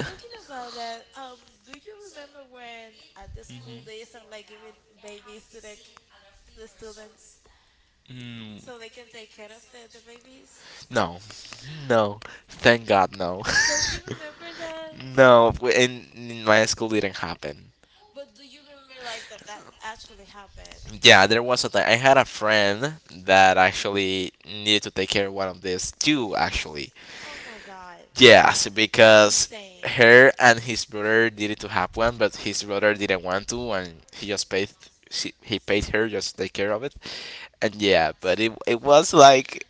B: talking about that, do you remember when at the school they start like giving babies to the to the students
A: Mm,
B: so they can take care of the babies?
A: no, no, thank God, no,
B: Don't you remember that?
A: no. In my school, didn't happen.
B: But do you remember like that actually happened?
A: Yeah,
B: Like,
A: there was a time I had a friend that actually needed to take care of one of these two actually,
B: oh my God, that
A: yes,
B: that's
A: because
B: insane.
A: her and his brother needed to have one, but his brother didn't want to, and he just paid. She, he paid her just to take care of it, and yeah, but it was like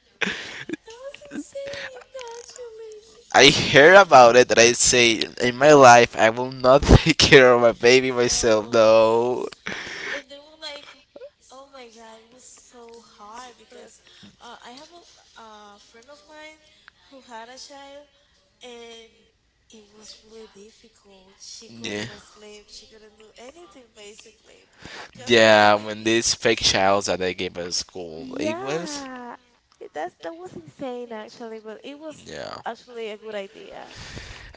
B: That was insane, actually.
A: I heard about it, and I say in my life I will not take care of my baby myself.
B: No.
A: No,
B: And they were like, "Oh my God, it was so hard because I have a friend of mine who had a child, and it was really difficult. She
A: yeah,
B: couldn't sleep. She couldn't do anything basically because of the
A: yeah. When
B: baby.
A: these fake child that I gave at school, it was
B: Yeah, that's that was insane actually, but it was
A: yeah.
B: actually a good idea.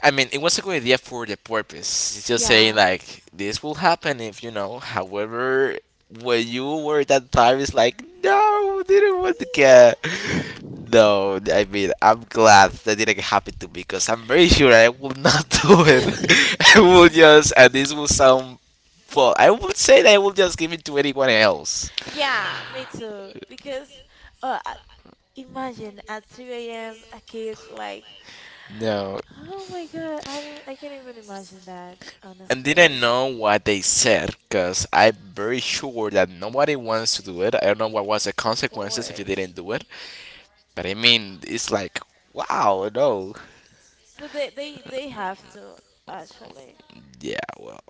A: I mean, it was a good idea for the purpose. It's just saying
B: Yeah.
A: like this will happen if you know. However, when you were at that time, it's like no, didn't want to get. No, I mean, I'm glad that didn't happen to me because I'm very sure I will not do it. I will just, and this will sound, well, I would say that I will just give it to anyone else.
B: Yeah, me too. Because uh, I- imagine at 3 a.m. a kid like
A: No,
B: oh my God, I can't even imagine that,
A: and didn't
B: honestly.
A: know what they said because I'm very sure that nobody wants to do it. I don't know what was the
B: Of
A: consequences if you
B: course.
A: didn't do it, but I mean, it's like, wow, no.
B: But they they have to actually.
A: Yeah, well,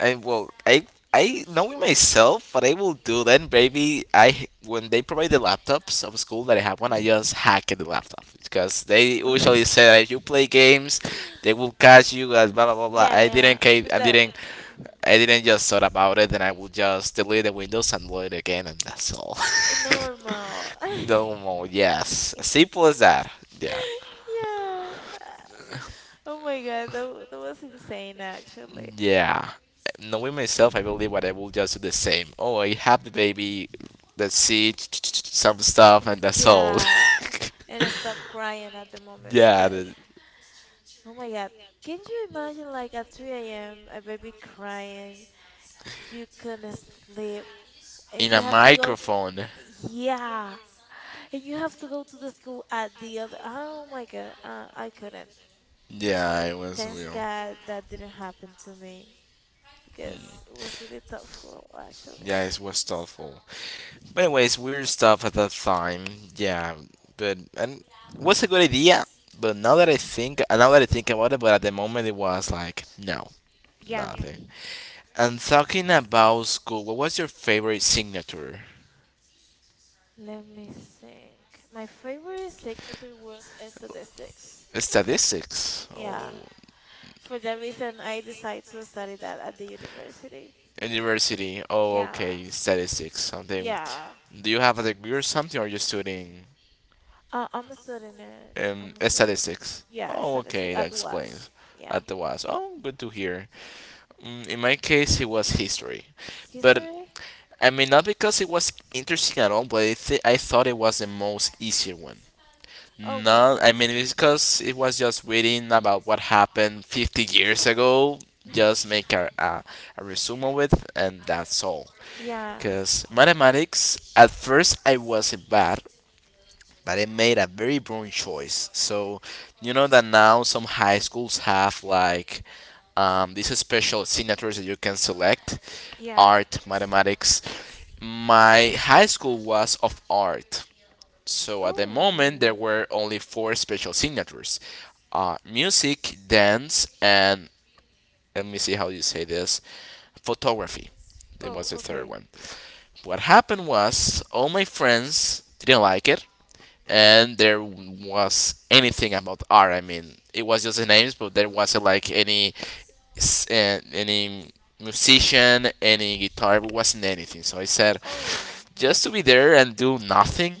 A: I well, I I knowing myself, what I will do then, baby. I when they provide the laptops of school that I have one, I
B: Mhm.
A: just hack the laptop because they usually say that if you play games, they will catch you. As blah blah blah blah.
B: Yeah, yeah.
A: I
B: Without
A: didn't.
B: mhm.
A: I didn't just thought about it, and I will just delete the Windows and load it again, and that's all.
B: Normal.
A: No more. Yes, simple as that. Yeah.
B: Yeah. Oh my God, that was insane actually.
A: Yeah. Knowing myself, I believe what I will just do the same. Oh, I have the baby.
B: Mhm.
A: Let's see some stuff, and that's all.
B: Yeah. And I stopped crying at the moment
A: Yeah,
B: because oh my God. Can you imagine like at 3 a.m. a baby crying, you couldn't sleep, and
A: in
B: you
A: a
B: have to go
A: microphone.
B: yeah, and you have to go to the school at the other. Oh my God, I couldn't.
A: Yeah, it was
B: Thanks
A: real.
B: God that didn't happen to me because it was really thoughtful actually.
A: Yeah, it was thoughtful. But anyways, weird stuff at that time. Yeah, but and it was a good idea. But now that I think, now that I think about it, but at the moment it was like no,
B: Yeah,
A: nothing. And talking about school, what was your favorite signature?
B: let me think. My favorite signature was statistics.
A: Statistics. Oh,
B: Yeah. For that reason, I decided to study that at the university.
A: university. Oh,
B: Yeah.
A: okay. Statistics. Something.
B: Yeah.
A: Do you have a degree or something, or are you studying
B: Uh, I'm a student at, I'm a student.
A: statistics?
B: Yeah, I
A: Oh,
B: studied
A: okay. That
B: at West.
A: explains.
B: Yeah.
A: At the was. Oh, good to hear. Mm, in my case, it was history, but
B: History?
A: I mean not because it was interesting at all, but I thought it was the most easier one. No, I
B: Okay.
A: mean it's because it was just reading about what happened 50 years ago.
B: Hmm.
A: Just make a resume with, and that's all.
B: Yeah.
A: Because mathematics, at first I wasn't bad, but I made a very wrong choice. So you know that now some high schools have like these special signatures that you can select,
B: Yeah.
A: art, mathematics. My high school was of art, so at the moment, there
B: Oh.
A: were only four special signatures music, dance, and let me see how you say this photography. It
B: Oh,
A: was the third
B: okay.
A: one. What happened was all my friends didn't like it, and there was anything about art. I mean, it was just the names, but there wasn't like any any musician, any guitar, it wasn't anything. So I said,
B: Oh.
A: just to be there and do nothing,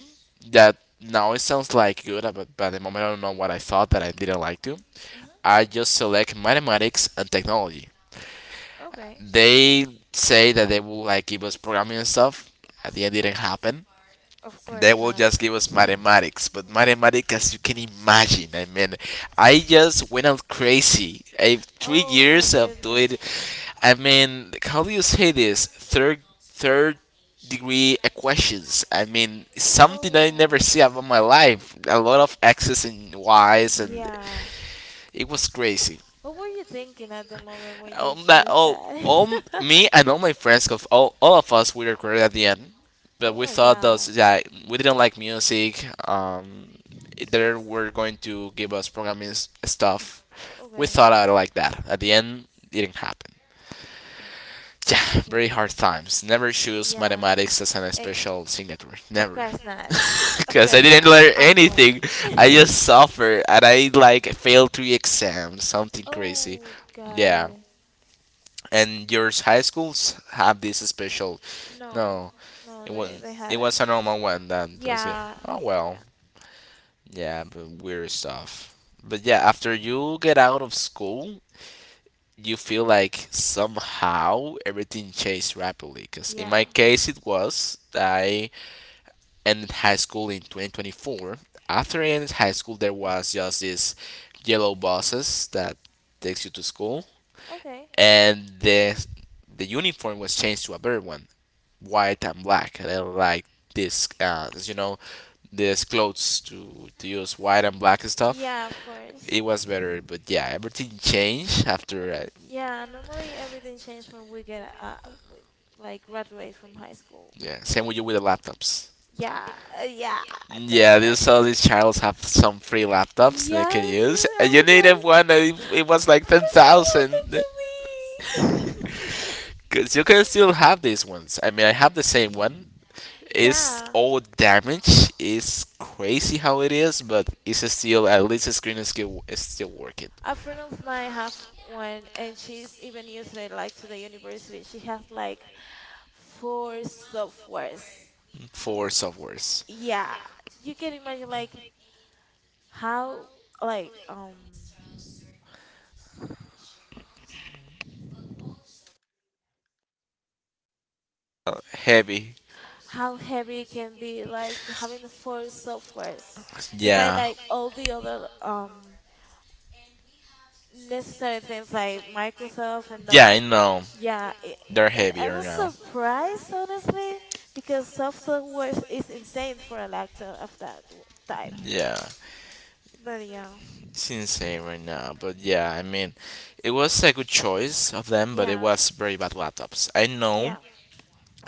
A: that now it sounds like good, but by the moment I don't know what I thought that I didn't like to.
B: Hmm.
A: I just select mathematics and technology.
B: Okay.
A: They say that they will like give us programming and stuff. At the
B: Hmm.
A: end, it didn't happen
B: Of
A: they
B: course
A: will
B: not.
A: just give us mathematics. But mathematics, as you can imagine, I mean, I just went out crazy. I three
B: Oh my
A: years of
B: goodness.
A: doing, I mean, how do you say this? Third degree equations. I mean, something I never
B: Oh.
A: see about my life. A lot of x's and y's, and
B: Yeah.
A: it was crazy.
B: What were you thinking at the moment when you
A: That
B: choose
A: all
B: that?
A: me and all my friends, 'cause all of us, we recorded at the end. But
B: Oh
A: we
B: my
A: thought those
B: God.
A: that we didn't like music. They were going to give us programming stuff. We
B: Okay.
A: thought I like that. At the end, didn't happen.
B: Mm,
A: Yeah,
B: okay.
A: very hard times. Never choose
B: Yeah.
A: mathematics as an
B: Eh,
A: special signature.
B: of
A: Never.
B: course not. Of
A: Because I
B: course
A: didn't
B: not.
A: learn
B: I won't.
A: anything. I just suffered and I like failed three exams. Something crazy.
B: Oh, got
A: Yeah.
B: it.
A: And your high schools have this special?
B: No.
A: No,
B: No, they
A: it
B: hadn't.
A: was a normal one that was good.
B: Yeah.
A: Oh well,
B: Yeah.
A: yeah, but weird stuff. But yeah, after you get out of school, you feel like somehow everything changed rapidly. Cause in my
B: Yeah.
A: case, it was I ended high school in 2024. After I ended high school, there
B: Hmm.
A: was just this yellow buses that takes you to school,
B: Okay.
A: and the uniform was changed to a better one. White and black. I don't like this, uh, you know, these clothes to use white and black stuff.
B: Yeah, of course.
A: It was better, but yeah, everything changed
B: Uh,
A: after.
B: yeah, normally everything changes when we get we, like graduate from high school.
A: Yeah, same with you with the laptops.
B: Yeah. Yeah,
A: Yeah, these all
B: definitely.
A: these childs have some free laptops they
B: Yeah,
A: can
B: I
A: use.
B: knew. I
A: And you
B: was like,
A: needed one that it was like ten
B: what
A: thousand,
B: happened to me?
A: cause you can still have these ones. I mean, I have the same one. It's
B: Yeah.
A: all damaged. It's crazy how it is, but it's still at least the screen is still working.
B: A friend of mine have one, and she's even using it like to the university. She has like four softwares.
A: Force softwares,
B: Yeah, you can imagine how like
A: heavy.
B: how heavy it can be like having the four softwares besides
A: Yeah.
B: like all the other necessary things like Microsoft and
A: Yeah,
B: those.
A: I know.
B: Yeah, it,
A: They're
B: and I
A: heavier
B: was
A: now.
B: surprised honestly because software is insane for a laptop of that type.
A: Yeah.
B: But yeah,
A: It's insane right now. But yeah, I mean, it was a good choice of them, but it
B: yeah,
A: was very bad laptops. I know.
B: yeah,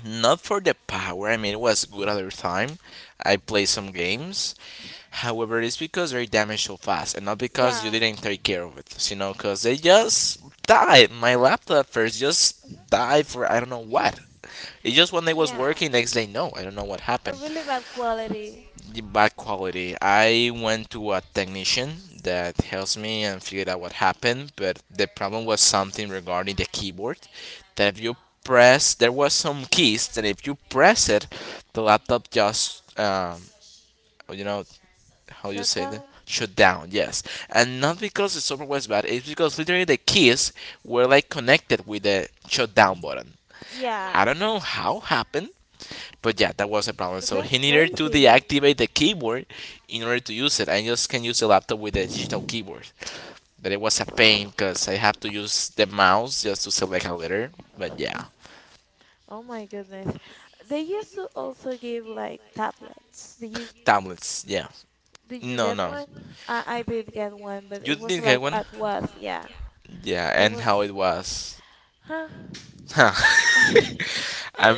A: Not for the power. I mean, it was good at the time. I played some games.
B: mhm,
A: However, it's because they damaged so fast and not because you
B: yeah,
A: didn't take care of it. You know, because they just died. My laptop first just
B: mhm,
A: died for I don't know what. It's just when I was
B: yeah.
A: working next day, no, I don't know what
B: A
A: happened.
B: really bad quality
A: The bad quality. I went to a technician that helps me and figured out what happened, but the problem was something regarding the keyboard that if you press, there was some keys that if you press it, the laptop just, you know, how you say that?
B: shutdown.
A: Shut down, yes, and not because the software was bad. It's because literally the keys were like connected with the shutdown button.
B: Yeah,
A: I don't know how happened, but yeah, that was a problem.
B: but
A: So
B: that's
A: he needed to
B: crazy.
A: deactivate the keyboard in order to use it. I just can use the laptop with a digital keyboard. But it was a pain
B: Mhm.
A: because I have to use the mouse just to select a letter. But yeah,
B: Oh my goodness. They used to also give like tablets.
A: tablets. Yeah.
B: Did you
A: No,
B: get
A: no.
B: one? I did get one, but
A: You
B: it was
A: did get
B: like
A: one.
B: at was, yeah.
A: Yeah,
B: It
A: and how
B: was
A: it was.
B: huh?
A: I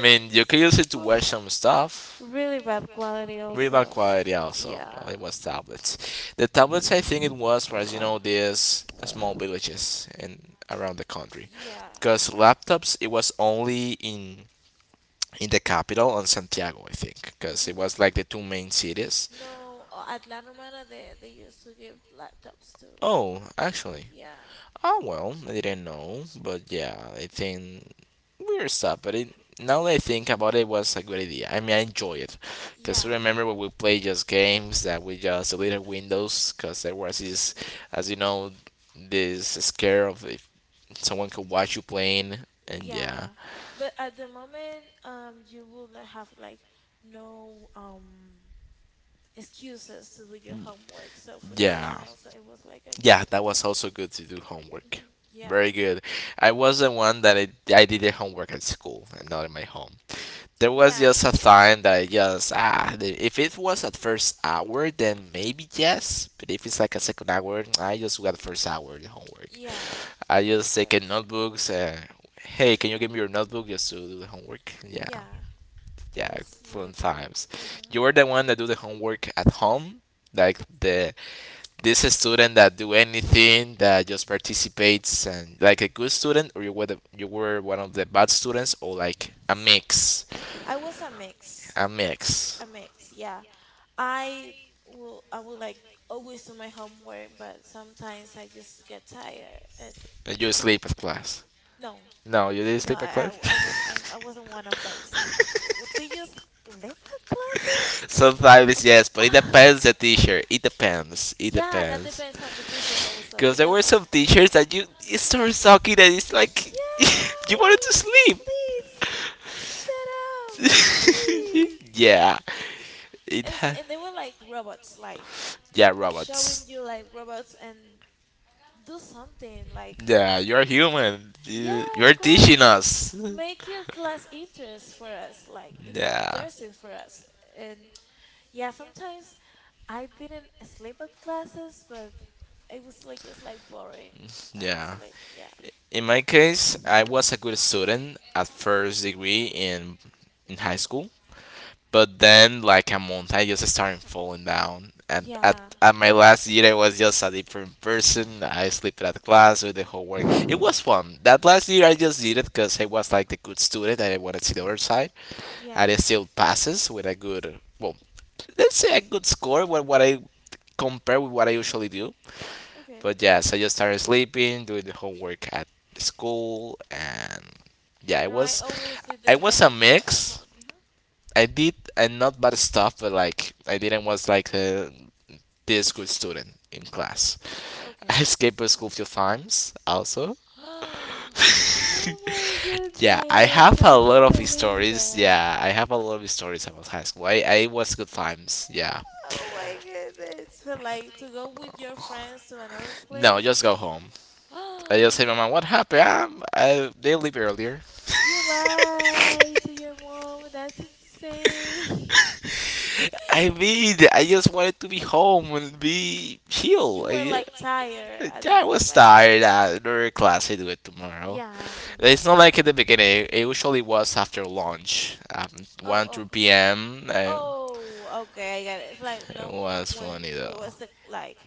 A: mean, you can use it to watch some stuff.
B: Really bad quality
A: Rebar
B: also.
A: quality also. Well,
B: Yeah.
A: it was tablets. The tablets I think it was you know these small villages and around the country,
B: Yeah.
A: because laptops it was only in the capital on Santiago I think, because it
B: Mm-hmm.
A: was like the two main cities.
B: No, at La Romana they used to give laptops too.
A: Oh, actually,
B: Yeah.
A: oh well, I didn't know, but yeah, I think weird stuff. But it, now that I think about it, it was a good idea. I mean, I enjoy it because
B: Yeah.
A: remember when we played just games that we just deleted Windows because there was this, as you know, this scare of if someone could watch you playing, and yeah,
B: Yeah. But at the moment, you will not have like no excuses to do your homework. So for that
A: yeah,
B: reason also it was like a good
A: yeah, that
B: idea.
A: was also good to do homework.
B: Hmm. Yeah.
A: Very good. I was the one that I did the homework at school and not in my home. There was
B: Yeah.
A: just a time that I just ah, if it was at first hour, then maybe yes. But if it's like a second hour, I just got first hour the homework.
B: Yeah.
A: I
B: Of
A: just take in
B: course.
A: notebooks. Hey, can you give me your notebook just to do the homework? Yeah,
B: Yeah. It
A: yeah,
B: was
A: fun
B: really cool.
A: times.
B: Hmm.
A: You are the one that do the homework at home, like the this student that do anything that just participates and like a good student, or you were the, you were one of the bad students, or like a mix,
B: I was a mix.
A: a mix.
B: A mix, yeah. I I will like always do my homework, but sometimes I just get tired and
A: And you sleep at class.
B: no,
A: No, you didn't
B: no,
A: sleep at class?
B: I was I wasn't one of those. They just lip classes.
A: Sometimes yes, but it depends the teacher. It depends. It
B: Yeah, that
A: depends.
B: depends on the teacher also
A: Because there were
B: because
A: some teachers that you it started sucking and it's like
B: yeah,
A: you wanted to
B: like
A: sleep.
B: please shut up, please.
A: Yeah. It ha-
B: And they were like robots, like
A: yeah, robots.
B: showing you like robots and do something like
A: Yeah, you're human. You-
B: yeah,
A: you're
B: of
A: teaching
B: course.
A: us.
B: Make your class interest for us, like in
A: Yeah.
B: interesting for us. And yeah, sometimes I didn't sleep at classes, but it was like just like boring,
A: Yeah.
B: honestly. Yeah.
A: In my case, I was a good student at first degree in high school, but then like a month I just started falling down. And at
B: Yeah.
A: at my last year, I was just a different person. I slept at class with the homework. It was fun. That last year, I just did it because I was like the good student and I wanted to see the other side,
B: Yeah.
A: and it still passes with a good well, let's say a good score. What I compare with what I usually do.
B: Okay.
A: But yeah, so I just started sleeping, doing the homework at the school, and yeah, it
B: No, I
A: was,
B: always did
A: I
B: them my
A: was a
B: homework at
A: mix.
B: home. Hmm.
A: I did and not bad stuff, but like I didn't was like a, this good student in class. I
B: Okay.
A: escaped the school a few times also.
B: Oh my
A: Yeah, I
B: goodness.
A: have a
B: I
A: lot
B: can't
A: of
B: believe
A: stories.
B: that.
A: Yeah, I have a lot of stories about high school. I was good times. Yeah.
B: Oh my goodness. But like to go with your friends to another
A: No,
B: place,
A: just go home. I just say, Mama, what happened? I, they leave earlier.
B: you lied to your mom. That's insane.
A: I mean, I just wanted to be home and be
B: You
A: chill.
B: were
A: I,
B: like tired
A: yeah,
B: at the
A: I was
B: moment.
A: tired. Another class I do it tomorrow.
B: Yeah,
A: It's
B: sometimes.
A: not
B: Yeah,
A: like at the
B: like, you feel
A: beginning.
B: it.
A: It usually was after lunch, one
B: Oh,
A: two
B: okay.
A: p.m.
B: Oh, okay. I got it. It's like
A: It
B: no,
A: was
B: when
A: funny though.
B: what's the like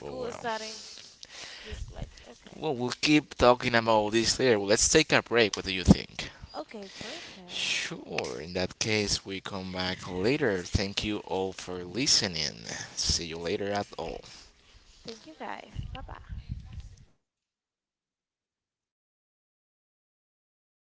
A: But
B: is
A: well,
B: starting, just like okay,
A: well, we'll keep talking about this later. Well, let's take a break. What do you think?
B: okay, perfect.
A: Sure. In that case, we come back later. Thank you all for listening. See you later at all.
B: Thank you guys. Bye bye.